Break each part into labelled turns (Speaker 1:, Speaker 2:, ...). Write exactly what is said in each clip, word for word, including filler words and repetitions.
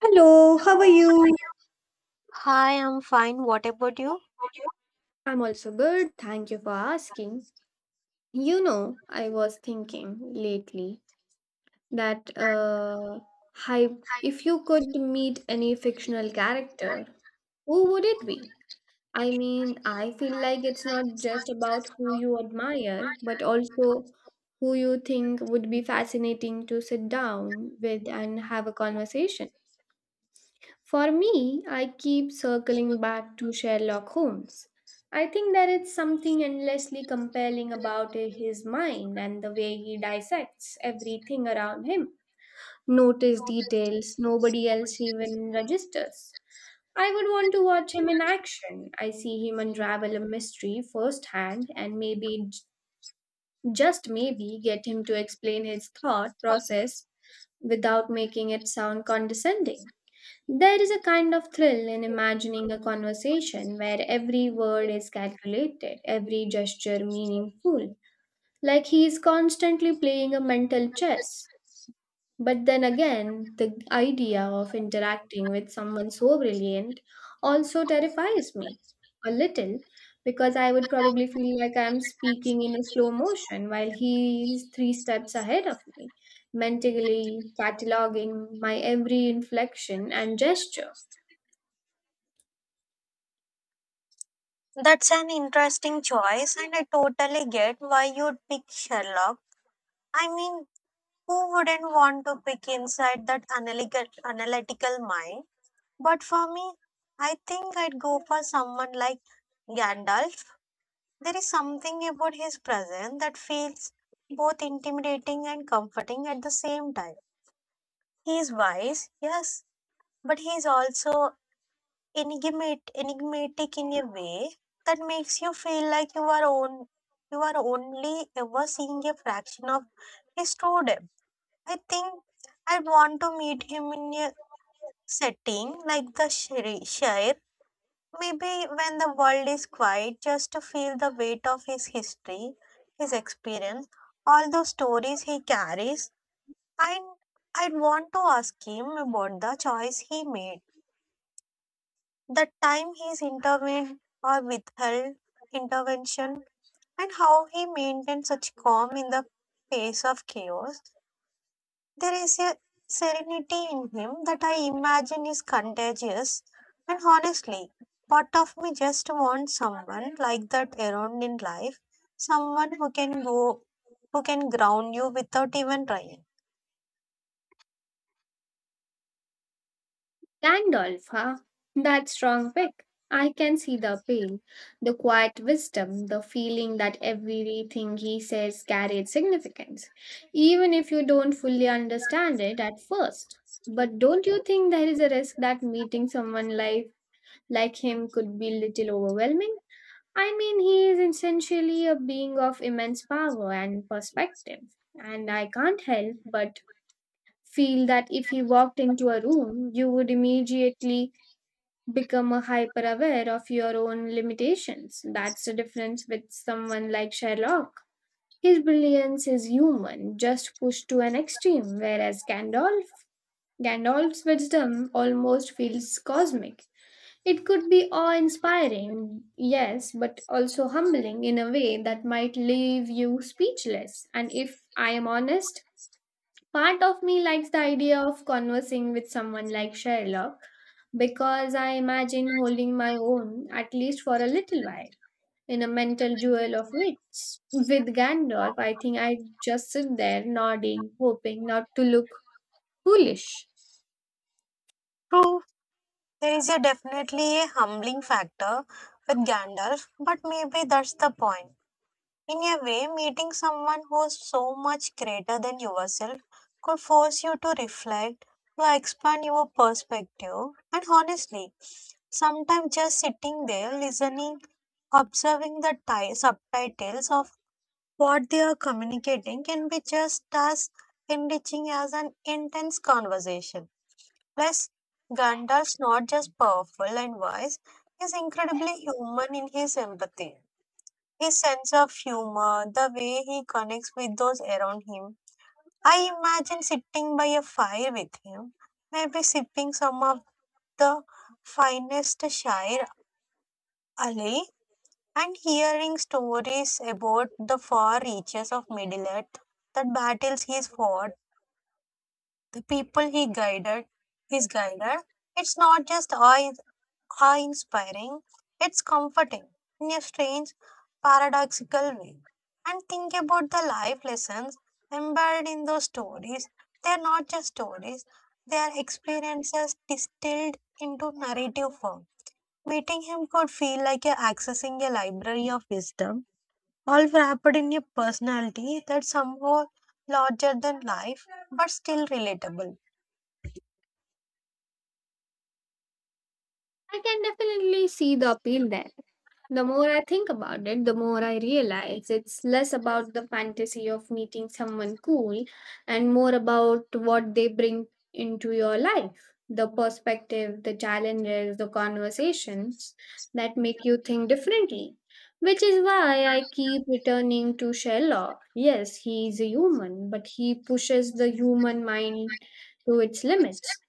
Speaker 1: Hello, how are you? I'm also good. Thank you for asking. You know, I was thinking lately that uh hy if you could meet any fictional character, who would it be? I mean, I feel like it's not just about who you admire, but also who you think would be fascinating to sit down with and have a conversation. For me, I keep circling back to Sherlock Holmes. I think there is something endlessly compelling about his mind and the way he dissects everything around him. Notice details nobody else even registers. I would want to watch him in action. I see him unravel a mystery firsthand and maybe, j- just maybe, get him to explain his thought process without making it sound condescending. There is a kind of thrill in imagining a conversation where every word is calculated, every gesture meaningful, like he is constantly playing a mental chess. But then again, the idea of interacting with someone so brilliant also terrifies me a little, because I would probably feel like I am speaking in a slow motion while he is three steps ahead of me, mentally cataloging my every inflection and gesture.
Speaker 2: That's an interesting choice, and I totally get why you'd pick Sherlock. I mean, who wouldn't want to pick inside that analytical, analytical mind? But for me, I think I'd go for someone like Gandalf. There is something about his presence that feels both intimidating and comforting at the same time. He's wise, yes, but he's also enigmat- enigmatic in a way that makes you feel like you are on you are only ever seeing a fraction of his true depth. I think I want to meet him in a setting like the Shri- Shire, maybe when the world is quiet, just to feel the weight of his history, his experience, all those stories he carries. And I'd want to ask him about the choice he made, the time he's intervened or withheld intervention, and how he maintained such calm in the face of chaos. There is a serenity in him that I imagine is contagious, and honestly, part of me just wants someone like that around in life, someone who can go, who can ground you without even trying.
Speaker 1: Gandalf, huh? That strong pick. I can see the pain, the quiet wisdom, the feeling that everything he says carried significance, even if you don't fully understand it at first. But don't you think there is a risk that meeting someone like, like him could be little overwhelming? I mean, he is essentially a being of immense power and perspective, and I can't help but feel that if he walked into a room, you would immediately become a hyper aware of your own limitations. That's the difference with someone like Sherlock. His brilliance is human, just pushed to an extreme, whereas Gandalf, Gandalf's wisdom almost feels cosmic. It could be awe inspiring, yes, but also humbling in a way that might leave you speechless. And if I am honest, part of me likes the idea of conversing with someone like Sherlock because I imagine holding my own, at least for a little while, in a mental duel of wits. With Gandalf, I think I just sit there nodding, hoping not to look foolish.
Speaker 2: True, there is a definitely a humbling factor with Gandalf, but maybe that's the point. In a way, meeting someone who's so much greater than yourself could force you to reflect, to expand your perspective, and honestly, sometimes just sitting there listening, observing the ti- subtitles of what they are communicating can be just as enriching as an intense conversation. Plus, Gandalf's not just powerful and wise, he's incredibly human in his empathy. His sense of humor, the way he connects with those around him. I imagine sitting by a fire with him, maybe sipping some of the finest shire Ali and hearing stories about the far reaches of Middle Earth, the battles he's fought, the people he guided, he's guided. It's not just awe how inspiring. It's comforting in a strange, paradoxical way. And think about the life lessons embedded in those stories. They're not just stories, they are experiences distilled into narrative form. Meeting him could feel like you're accessing a library of wisdom, all wrapped in a personality that's somehow larger than life but still relatable.
Speaker 1: I can definitely see the appeal there. The more I think about it, the more I realize it's less about the fantasy of meeting someone cool and more about what they bring into your life. The perspective, the challenges, the conversations that make you think differently. Which is why I keep returning to Sherlock. Yes, he is a human, but he pushes the human mind to its limits.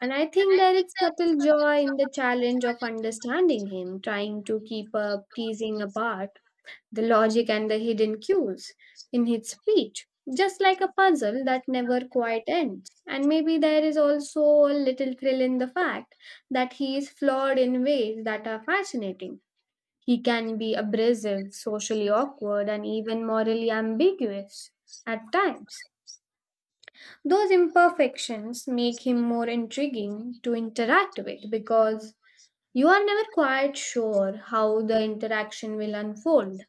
Speaker 1: And I think there is subtle joy in the challenge of understanding him, trying to keep up, teasing apart the logic and the hidden cues in his speech, just like a puzzle that never quite ends. And maybe there is also a little thrill in the fact that he is flawed in ways that are fascinating. He can be abrasive, socially awkward, and even morally ambiguous at times. Those imperfections make him more intriguing to interact with because you are never quite sure how the interaction will unfold.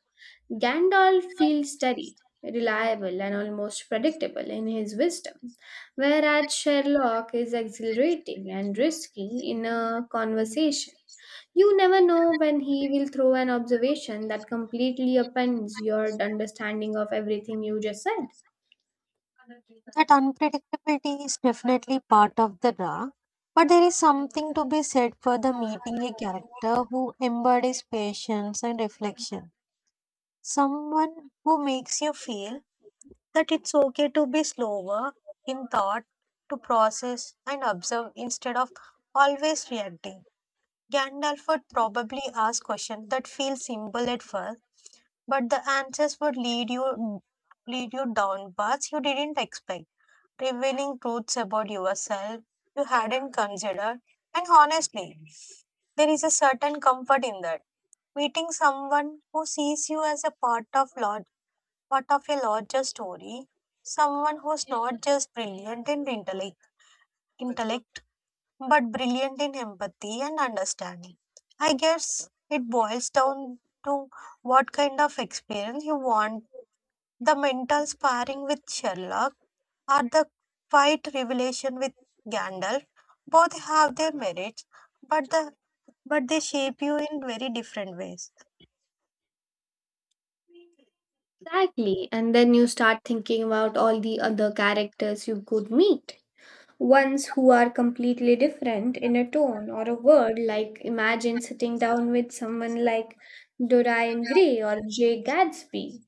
Speaker 1: Gandalf feels steady, reliable, and almost predictable in his wisdom, whereas Sherlock is exhilarating and risky in a conversation. You never know when he will throw an observation that completely upends your understanding of everything you just said.
Speaker 2: That unpredictability is definitely part of the draw, but there is something to be said for the meeting a character who embodies patience and reflection. Someone who makes you feel that it's okay to be slower in thought, to process and observe instead of always reacting. Gandalf would probably ask questions that feel simple at first, but the answers would lead you lead you down paths you didn't expect, revealing truths about yourself you hadn't considered. And honestly, there is a certain comfort in that. Meeting someone who sees you as a part of lot, part of a larger story, someone who's not just brilliant in intellect, intellect, but brilliant in empathy and understanding. I guess it boils down to what kind of experience you want. The mental sparring with Sherlock are the quiet revelation with Gandalf. Both have their merits, but the but they shape you in very different ways.
Speaker 1: Exactly. And then you start thinking about all the other characters you could meet, ones who are completely different in a tone or a word, like imagine sitting down with someone like Dorian Gray or Jay Gatsby.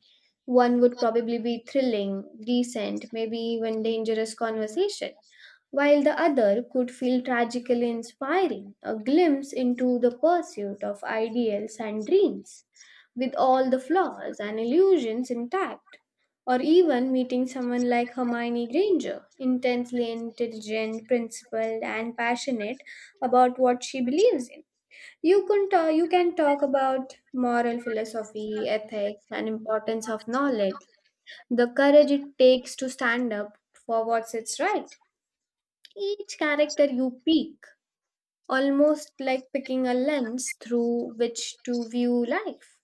Speaker 1: One would probably be thrilling, decent, maybe even dangerous conversation, while the other could feel tragically inspiring, a glimpse into the pursuit of ideals and dreams with all the flaws and illusions intact, or even meeting someone like Hermione Granger, intensely intelligent, principled, and passionate about what she believes in. You can, ta- you can talk about moral philosophy, ethics, and importance of knowledge, the courage it takes to stand up for what's it's right. Each character you pick, almost like picking a lens through which to view life,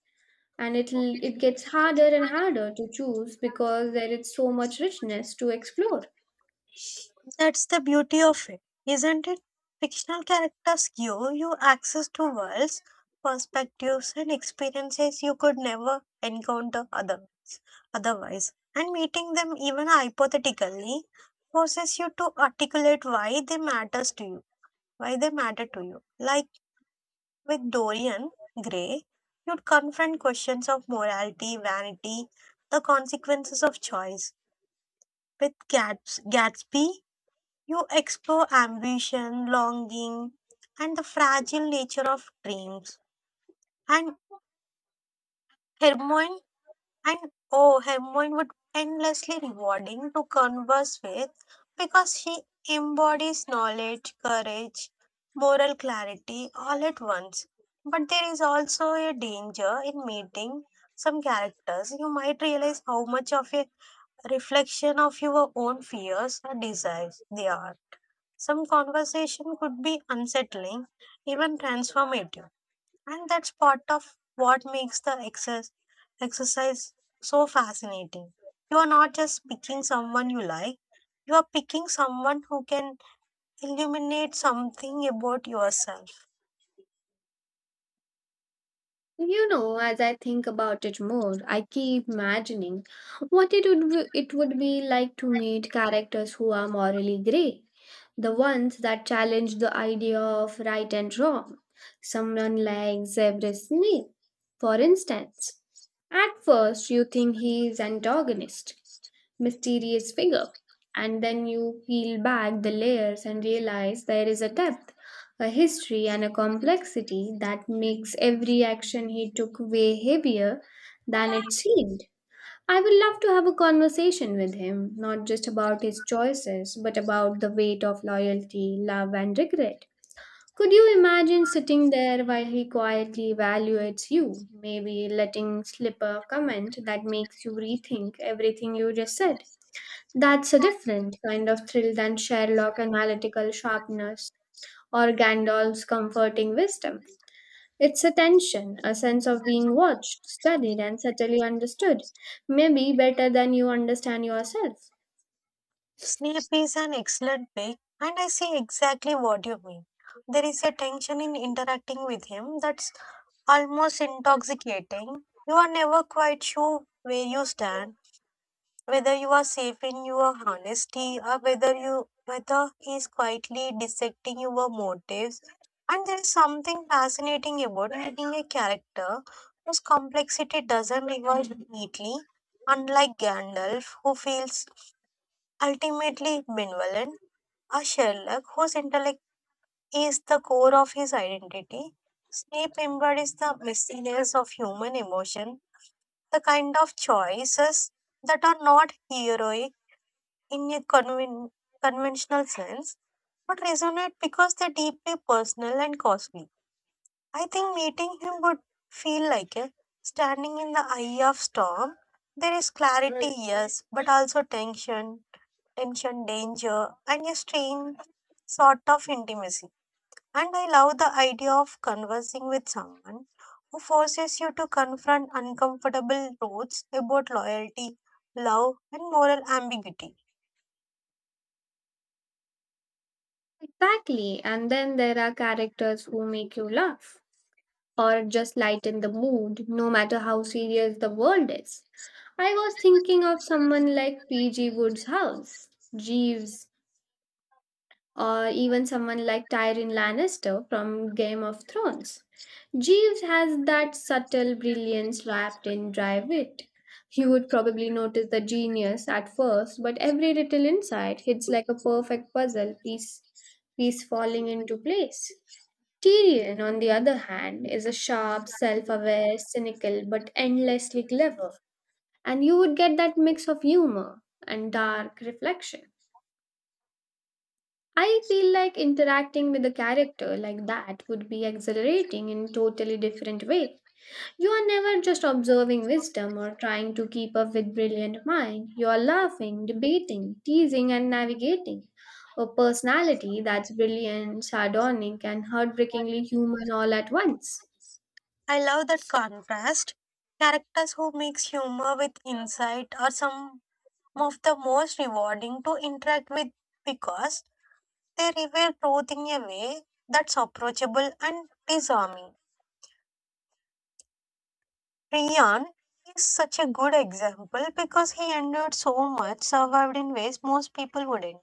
Speaker 1: and it'll it gets harder and harder to choose because there is so much richness to explore.
Speaker 2: That's the beauty of it, isn't it? Fictional characters give you access to worlds, perspectives, and experiences you could never encounter other, otherwise. And meeting them, even hypothetically, forces you to articulate why they matters to you, why they matter to you. Like with Dorian Gray, you'd confront questions of morality, vanity, the consequences of choice. With Gats- Gatsby, you explore ambition, longing, and the fragile nature of dreams. And Hermione And oh, Hemingway would endlessly rewarding to converse with because he embodies knowledge, courage, moral clarity all at once. But there is also a danger in meeting some characters. You might realize how much of a reflection of your own fears or desires they are. Some conversation could be unsettling, even transformative. And that's part of what makes the exercise exercise so fascinating. You are not just picking someone you like, you are picking someone who can illuminate something about yourself.
Speaker 1: You know, as I think about it more, I keep imagining what it would w- it would be like to meet characters who are morally grey, the ones that challenge the idea of right and wrong. Someone like Severus Snape, for instance. At first, you think he is antagonist, mysterious figure. And then you peel back the layers and realize there is a depth, a history, and a complexity that makes every action he took way heavier than it seemed. I would love to have a conversation with him, not just about his choices, but about the weight of loyalty, love, and regret. Could you imagine sitting there while he quietly evaluates you, maybe letting slip a comment that makes you rethink everything you just said? That's a different kind of thrill than Sherlock analytical sharpness or Gandalf's comforting wisdom. It's a tension, a sense of being watched, studied, and subtly understood, maybe better than you understand yourself.
Speaker 2: Sleep is an excellent pick, and I see exactly what you mean. There is a tension in interacting with him that's almost intoxicating. You are never quite sure where you stand, whether you are safe in your honesty or whether you whether he is quietly dissecting your motives, and there is something fascinating about reading a character whose complexity doesn't revolve neatly, unlike Gandalf, who feels ultimately benevolent, or Sherlock, whose intellect is the core of his identity. Snape embodies the messiness of human emotion, the kind of choices that are not heroic in a conven- conventional sense, but resonate because they're deeply personal and costly. I think meeting him would feel like a standing in the eye of storm. There is clarity, yes, but also tension, tension, danger, and a strange sort of intimacy. And I love the idea of conversing with someone who forces you to confront uncomfortable truths about loyalty, love, and moral ambiguity.
Speaker 1: Exactly, and then there are characters who make you laugh or just lighten the mood, no matter how serious the world is. I was thinking of someone like P G. Woodhouse, Jeeves, or even someone like Tyrion Lannister from Game of Thrones. Jeeves has that subtle brilliance wrapped in dry wit. You would probably notice the genius at first, but every little insight hits like a perfect puzzle piece, piece falling into place. Tyrion, on the other hand, is a sharp, self aware, cynical, but endlessly clever, and you would get that mix of humor and dark reflection. I feel like interacting with a character like that would be exhilarating in a totally different way. You are never just observing wisdom or trying to keep up with brilliant mind. You are laughing, debating, teasing and navigating a personality that's brilliant, sardonic and heartbreakingly human all at once.
Speaker 2: I love that contrast. Characters who mix humor with insight are some of the most rewarding to interact with because they reveal truth in a way that's approachable and disarming. Rian is such a good example because he endured so much, survived in ways most people wouldn't,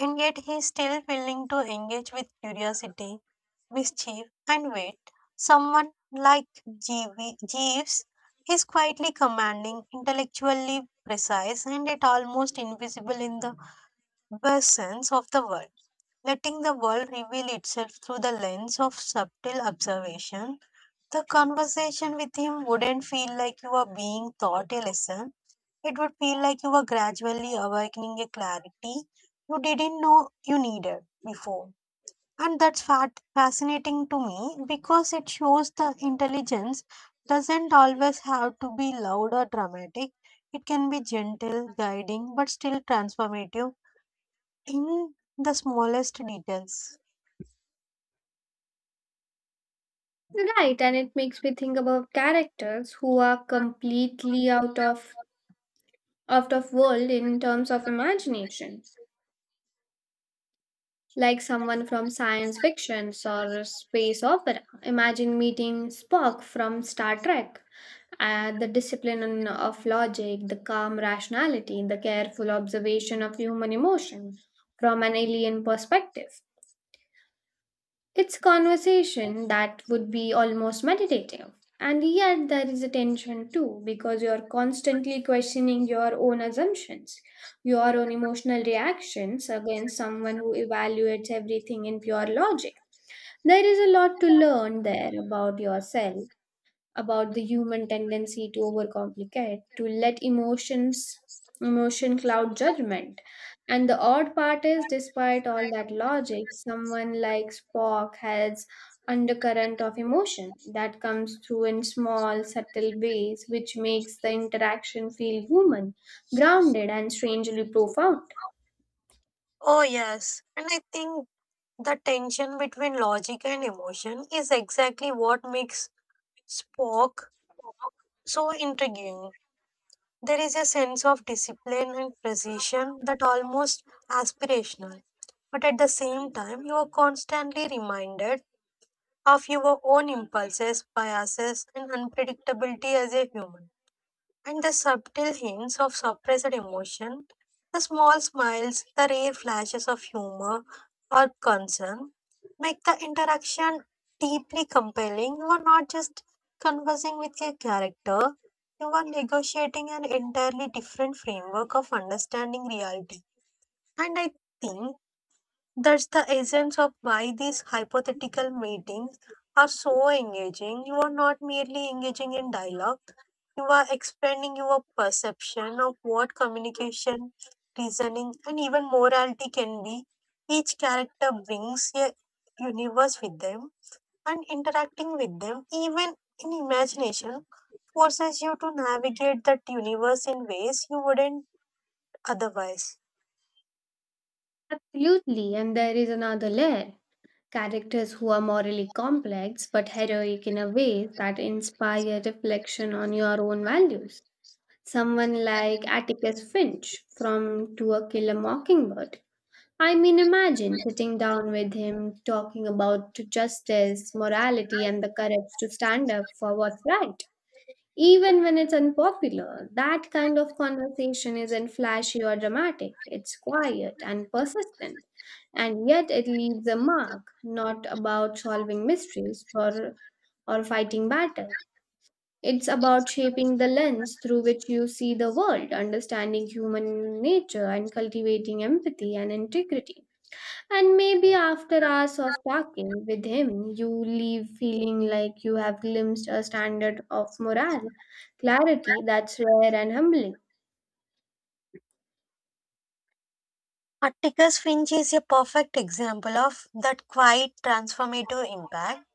Speaker 2: and yet he's still willing to engage with curiosity, mischief, and wit. Someone like Jeeves Jeeves is quietly commanding, intellectually precise, and yet almost invisible in the presence of the world. Letting the world reveal itself through the lens of subtle observation, the conversation with him wouldn't feel like you are being taught a lesson. It would feel like you were gradually awakening a clarity you didn't know you needed before. And that's fat fascinating to me because it shows the intelligence doesn't always have to be loud or dramatic. It can be gentle, guiding, but still transformative in the smallest details.
Speaker 1: Right, and it makes me think about characters who are completely out of out of world in terms of imagination, like someone from science fiction or space opera. Imagine meeting Spock from Star Trek. Uh, the discipline of logic, the calm rationality, the careful observation of human emotion from an alien perspective. It's conversation that would be almost meditative. And yet there is a tension too, because you're constantly questioning your own assumptions, your own emotional reactions against someone who evaluates everything in pure logic. There is a lot to learn there about yourself, about the human tendency to overcomplicate, to let emotions emotion cloud judgment. And the odd part is despite all that logic, someone like Spock has undercurrent of emotion that comes through in small, subtle ways, which makes the interaction feel human, grounded and strangely profound.
Speaker 2: Oh, yes. And I think the tension between logic and emotion is exactly what makes Spock so intriguing. There is a sense of discipline and precision that almost aspirational. But at the same time, you are constantly reminded of your own impulses, biases, and unpredictability as a human. And the subtle hints of suppressed emotion, the small smiles, the rare flashes of humor or concern make the interaction deeply compelling. You are not just conversing with a character, you are negotiating an entirely different framework of understanding reality. And I think that's the essence of why these hypothetical meetings are so engaging. You are not merely engaging in dialogue, you are expanding your perception of what communication, reasoning, and even morality can be. Each character brings a universe with them, and interacting with them, even in imagination, forces you to navigate that universe in ways you wouldn't otherwise.
Speaker 1: Absolutely, and there is another layer, characters who are morally complex but heroic in a way that inspire reflection on your own values. Someone like Atticus Finch from To a Kill a Mockingbird. I mean, imagine sitting down with him, talking about justice, morality, and the courage to stand up for what's right. Even when it's unpopular, that kind of conversation isn't flashy or dramatic. It's quiet and persistent, and yet it leaves a mark, not about solving mysteries or, or fighting battle. It's about shaping the lens through which you see the world, understanding human nature, and cultivating empathy and integrity. And maybe after hours of talking with him, you leave feeling like you have glimpsed a standard of morale, clarity that's rare and humbling.
Speaker 2: Atticus Finch is a perfect example of that quiet transformative impact.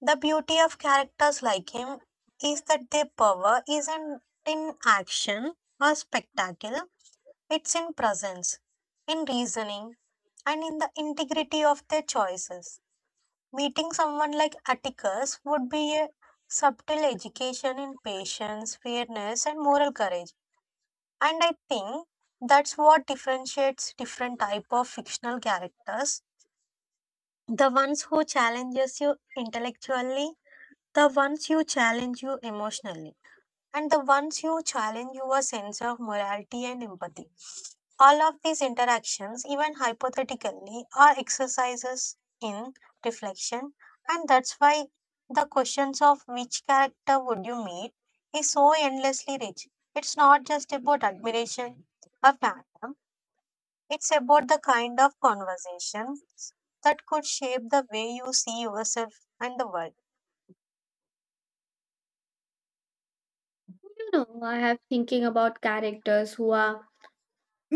Speaker 2: The beauty of characters like him is that their power isn't in action or spectacle, it's in presence, in reasoning, and in the integrity of their choices. Meeting someone like Atticus would be a subtle education in patience, fairness, and moral courage. And I think that's what differentiates different type of fictional characters, the ones who challenges you intellectually, the ones you challenge you emotionally, and the ones you challenge your sense of morality and empathy. All of these interactions, even hypothetically, are exercises in reflection, and that's why the questions of which character would you meet is so endlessly rich. It's not just about admiration or fandom, it's about the kind of conversation that could shape the way you see yourself and the world.
Speaker 1: You know, I have thinking about characters who are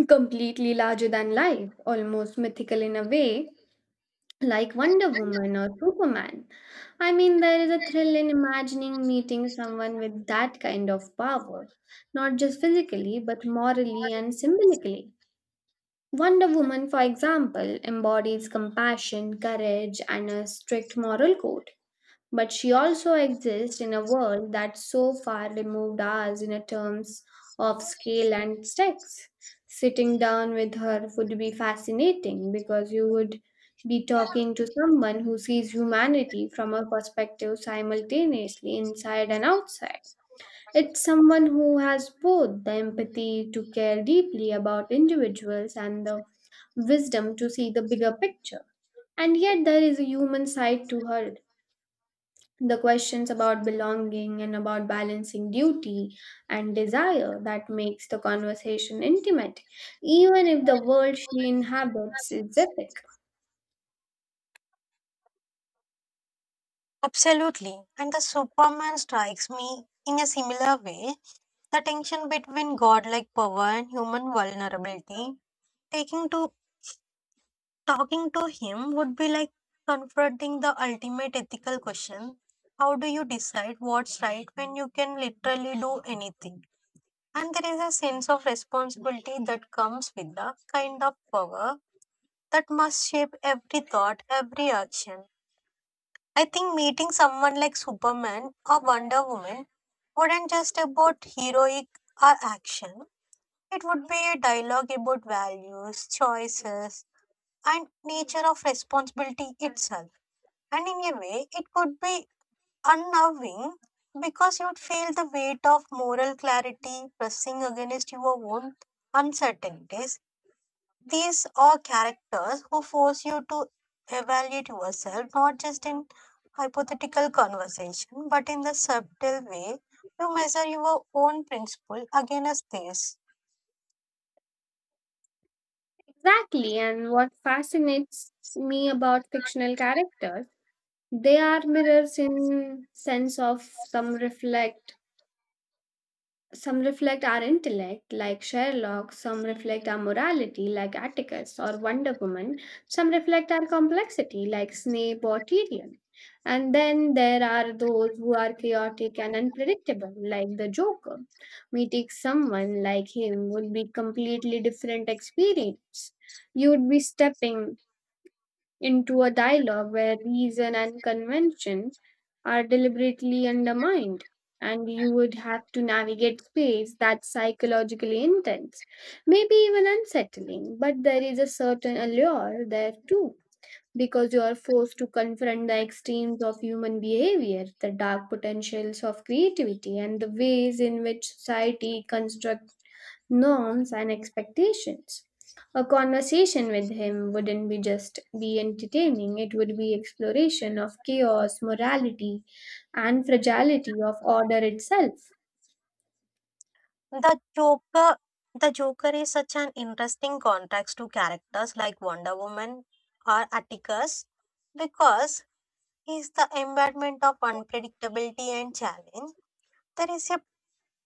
Speaker 1: completely larger than life, almost mythical in a way, like Wonder Woman or Superman. I mean, there is a thrill in imagining meeting someone with that kind of power, not just physically, but morally and symbolically. Wonder Woman, for example, embodies compassion, courage, and a strict moral code. But she also exists in a world that's so far removed ours in a terms of scale and stakes. Sitting down with her would be fascinating because you would be talking to someone who sees humanity from a perspective simultaneously inside and outside. It's someone who has both the empathy to care deeply about individuals and the wisdom to see the bigger picture. And yet, there is a human side to her. The questions about belonging and about balancing duty and desire that makes the conversation intimate, even if the world she inhabits is epic.
Speaker 2: Absolutely. And the Superman strikes me in a similar way. The tension between godlike power and human vulnerability. Taking to Talking to him would be like confronting the ultimate ethical question. How do you decide what's right when you can literally do anything? And there is a sense of responsibility that comes with the kind of power that must shape every thought, every action. I think meeting someone like Superman or Wonder Woman wouldn't just about heroic or action. It would be a dialogue about values, choices, and nature of responsibility itself. And in a way, it could be unnerving because you'd feel the weight of moral clarity pressing against your own uncertainties. These are characters who force you to evaluate yourself, not just in hypothetical conversation, but in the subtle way you measure your own principle against theirs.
Speaker 1: Exactly, and what fascinates me about fictional characters, they are mirrors in sense of some reflect some reflect our intellect, like Sherlock, some reflect our morality, like Atticus or Wonder Woman, some reflect our complexity, like Snape or Tyrion. And then there are those who are chaotic and unpredictable, like the Joker. Meeting someone like him would be completely different experience. You'd be stepping into a dialogue where reason and convention are deliberately undermined. And you would have to navigate space that's psychologically intense, maybe even unsettling, but there is a certain allure there too, because you are forced to confront the extremes of human behavior, the dark potentials of creativity, and the ways in which society constructs norms and expectations. A conversation with him wouldn't be just be entertaining, it would be exploration of chaos, morality, and fragility of order itself.
Speaker 2: The Joker, the Joker is such an interesting contrast to characters like Wonder Woman or Atticus because he is the embodiment of unpredictability and challenge. There is a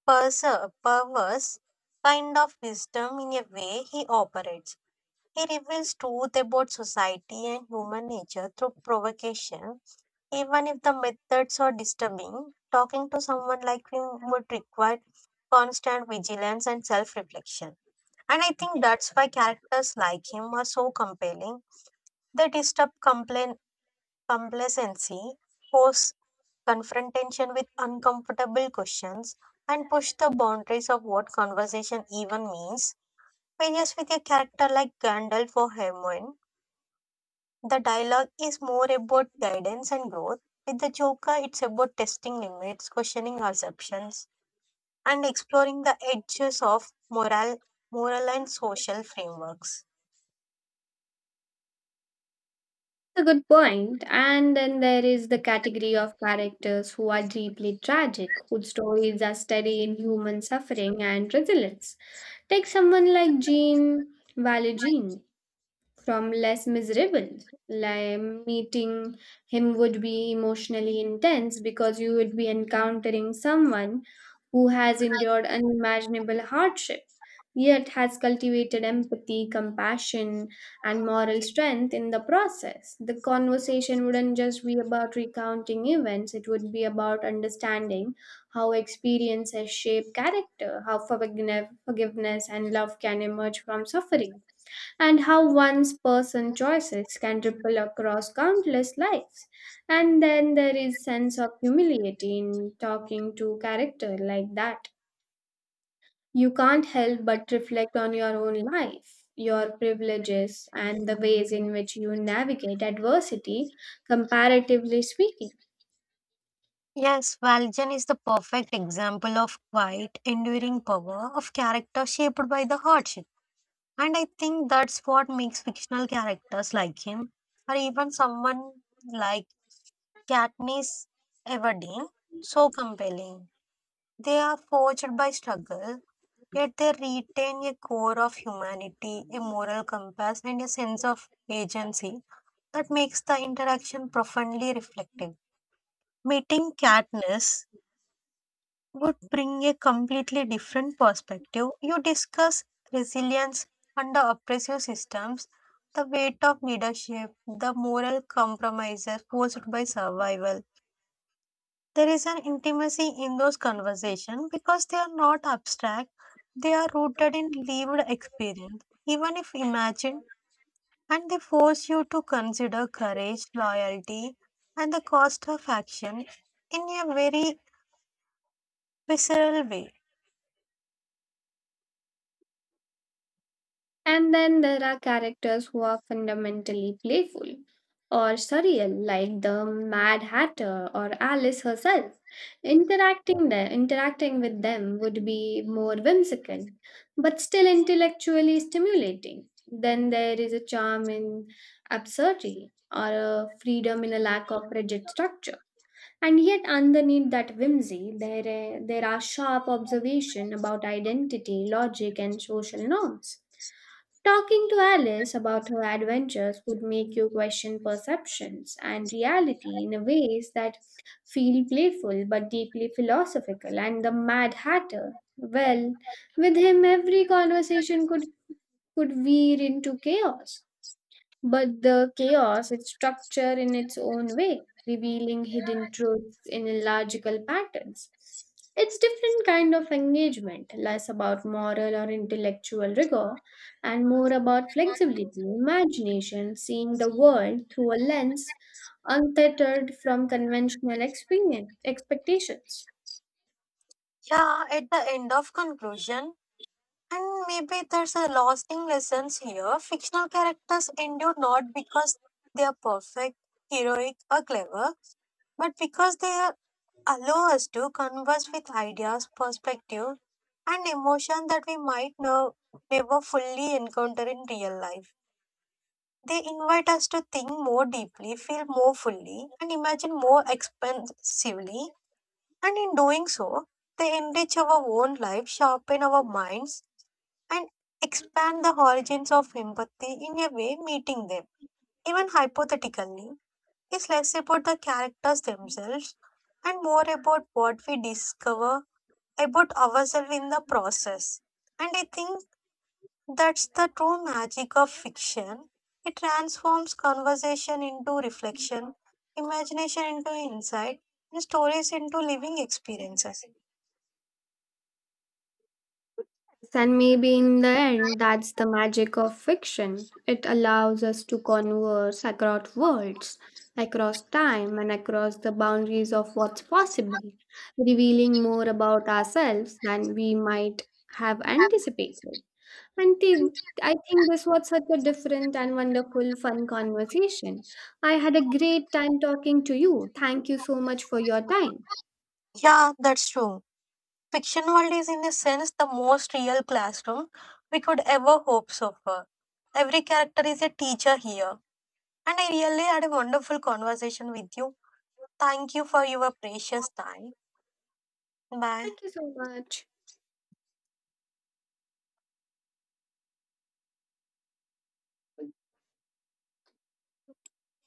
Speaker 2: perse- perverse kind of wisdom in a way he operates. He reveals truth about society and human nature through provocation, even if the methods are disturbing. Talking to someone like him would require constant vigilance and self reflection. And I think that's why characters like him are so compelling. They disturb complain- complacency, force confrontation with uncomfortable questions, and push the boundaries of what conversation even means. Whereas with a character like Gandalf or Hermione, the dialogue is more about guidance and growth. With the Joker, it's about testing limits, questioning assumptions, and exploring the edges of moral, moral and social frameworks.
Speaker 1: A good point. And then there is the category of characters who are deeply tragic, whose stories are steady in human suffering and resilience. Take someone like Jean Valjean from less miserable. Like meeting him would be emotionally intense because you would be encountering someone who has endured unimaginable hardship, yet has cultivated empathy, compassion, and moral strength in the process. The conversation wouldn't just be about recounting events, it would be about understanding how experiences shape character, how forgive- forgiveness and love can emerge from suffering, and how one's person choices can ripple across countless lives. And then there is sense of humility in talking to character like that. You can't help but reflect on your own life, your privileges, and the ways in which you navigate adversity, comparatively speaking.
Speaker 2: Yes, Valjean is the perfect example of quiet, enduring power of character shaped by the hardship. And I think that's what makes fictional characters like him, or even someone like Katniss Everdeen, so compelling. They are forged by struggle, yet they retain a core of humanity, a moral compass, and a sense of agency that makes the interaction profoundly reflective. Meeting Katniss would bring a completely different perspective. You discuss resilience under oppressive systems, the weight of leadership, the moral compromises forced by survival. There is an intimacy in those conversations because they are not abstract, they are rooted in lived experience, even if imagined, and they force you to consider courage, loyalty, and the cost of action in a very visceral way.
Speaker 1: And then there are characters who are fundamentally playful or surreal, like the Mad Hatter or Alice herself. Interacting there, interacting with them would be more whimsical, but still intellectually stimulating. Then there is a charm in absurdity or a freedom in a lack of rigid structure. And yet, underneath that whimsy, there, uh, there are sharp observations about identity, logic, and social norms. Talking to Alice about her adventures would make you question perceptions and reality in ways that feel playful but deeply philosophical. And the Mad Hatter, well, with him, every conversation could, could veer into chaos. But the chaos is structure in its own way, revealing hidden truths in illogical patterns. It's different kind of engagement, less about moral or intellectual rigor and more about flexibility, imagination, seeing the world through a lens untethered from conventional experience, expectations.
Speaker 2: Yeah, at the end of conclusion, and maybe there's a lasting lessons here. Fictional characters endure not because they are perfect, heroic, or clever, but because they are allow us to converse with ideas, perspective, and emotion that we might no, never fully encounter in real life. They invite us to think more deeply, feel more fully, and imagine more expansively. And in doing so, they enrich our own life, sharpen our minds, and expand the origins of empathy in a way meeting them, even hypothetically, is less about the characters themselves and more about what we discover about ourselves in the process. And I think that's the true magic of fiction. It transforms conversation into reflection, imagination into insight, and stories into living experiences.
Speaker 1: And maybe in the end, that's the magic of fiction. It allows us to converse across worlds, across time, and across the boundaries of what's possible, revealing more about ourselves than we might have anticipated. And thi- I think this was such a different and wonderful, fun conversation. I had a great time talking to you. Thank you so much for your time.
Speaker 2: Yeah, that's true. Fiction world is, in a sense, the most real classroom we could ever hope so for. Every character is a teacher here. And I really had a wonderful conversation with you. Thank you for your precious time. Bye.
Speaker 1: Thank you so much.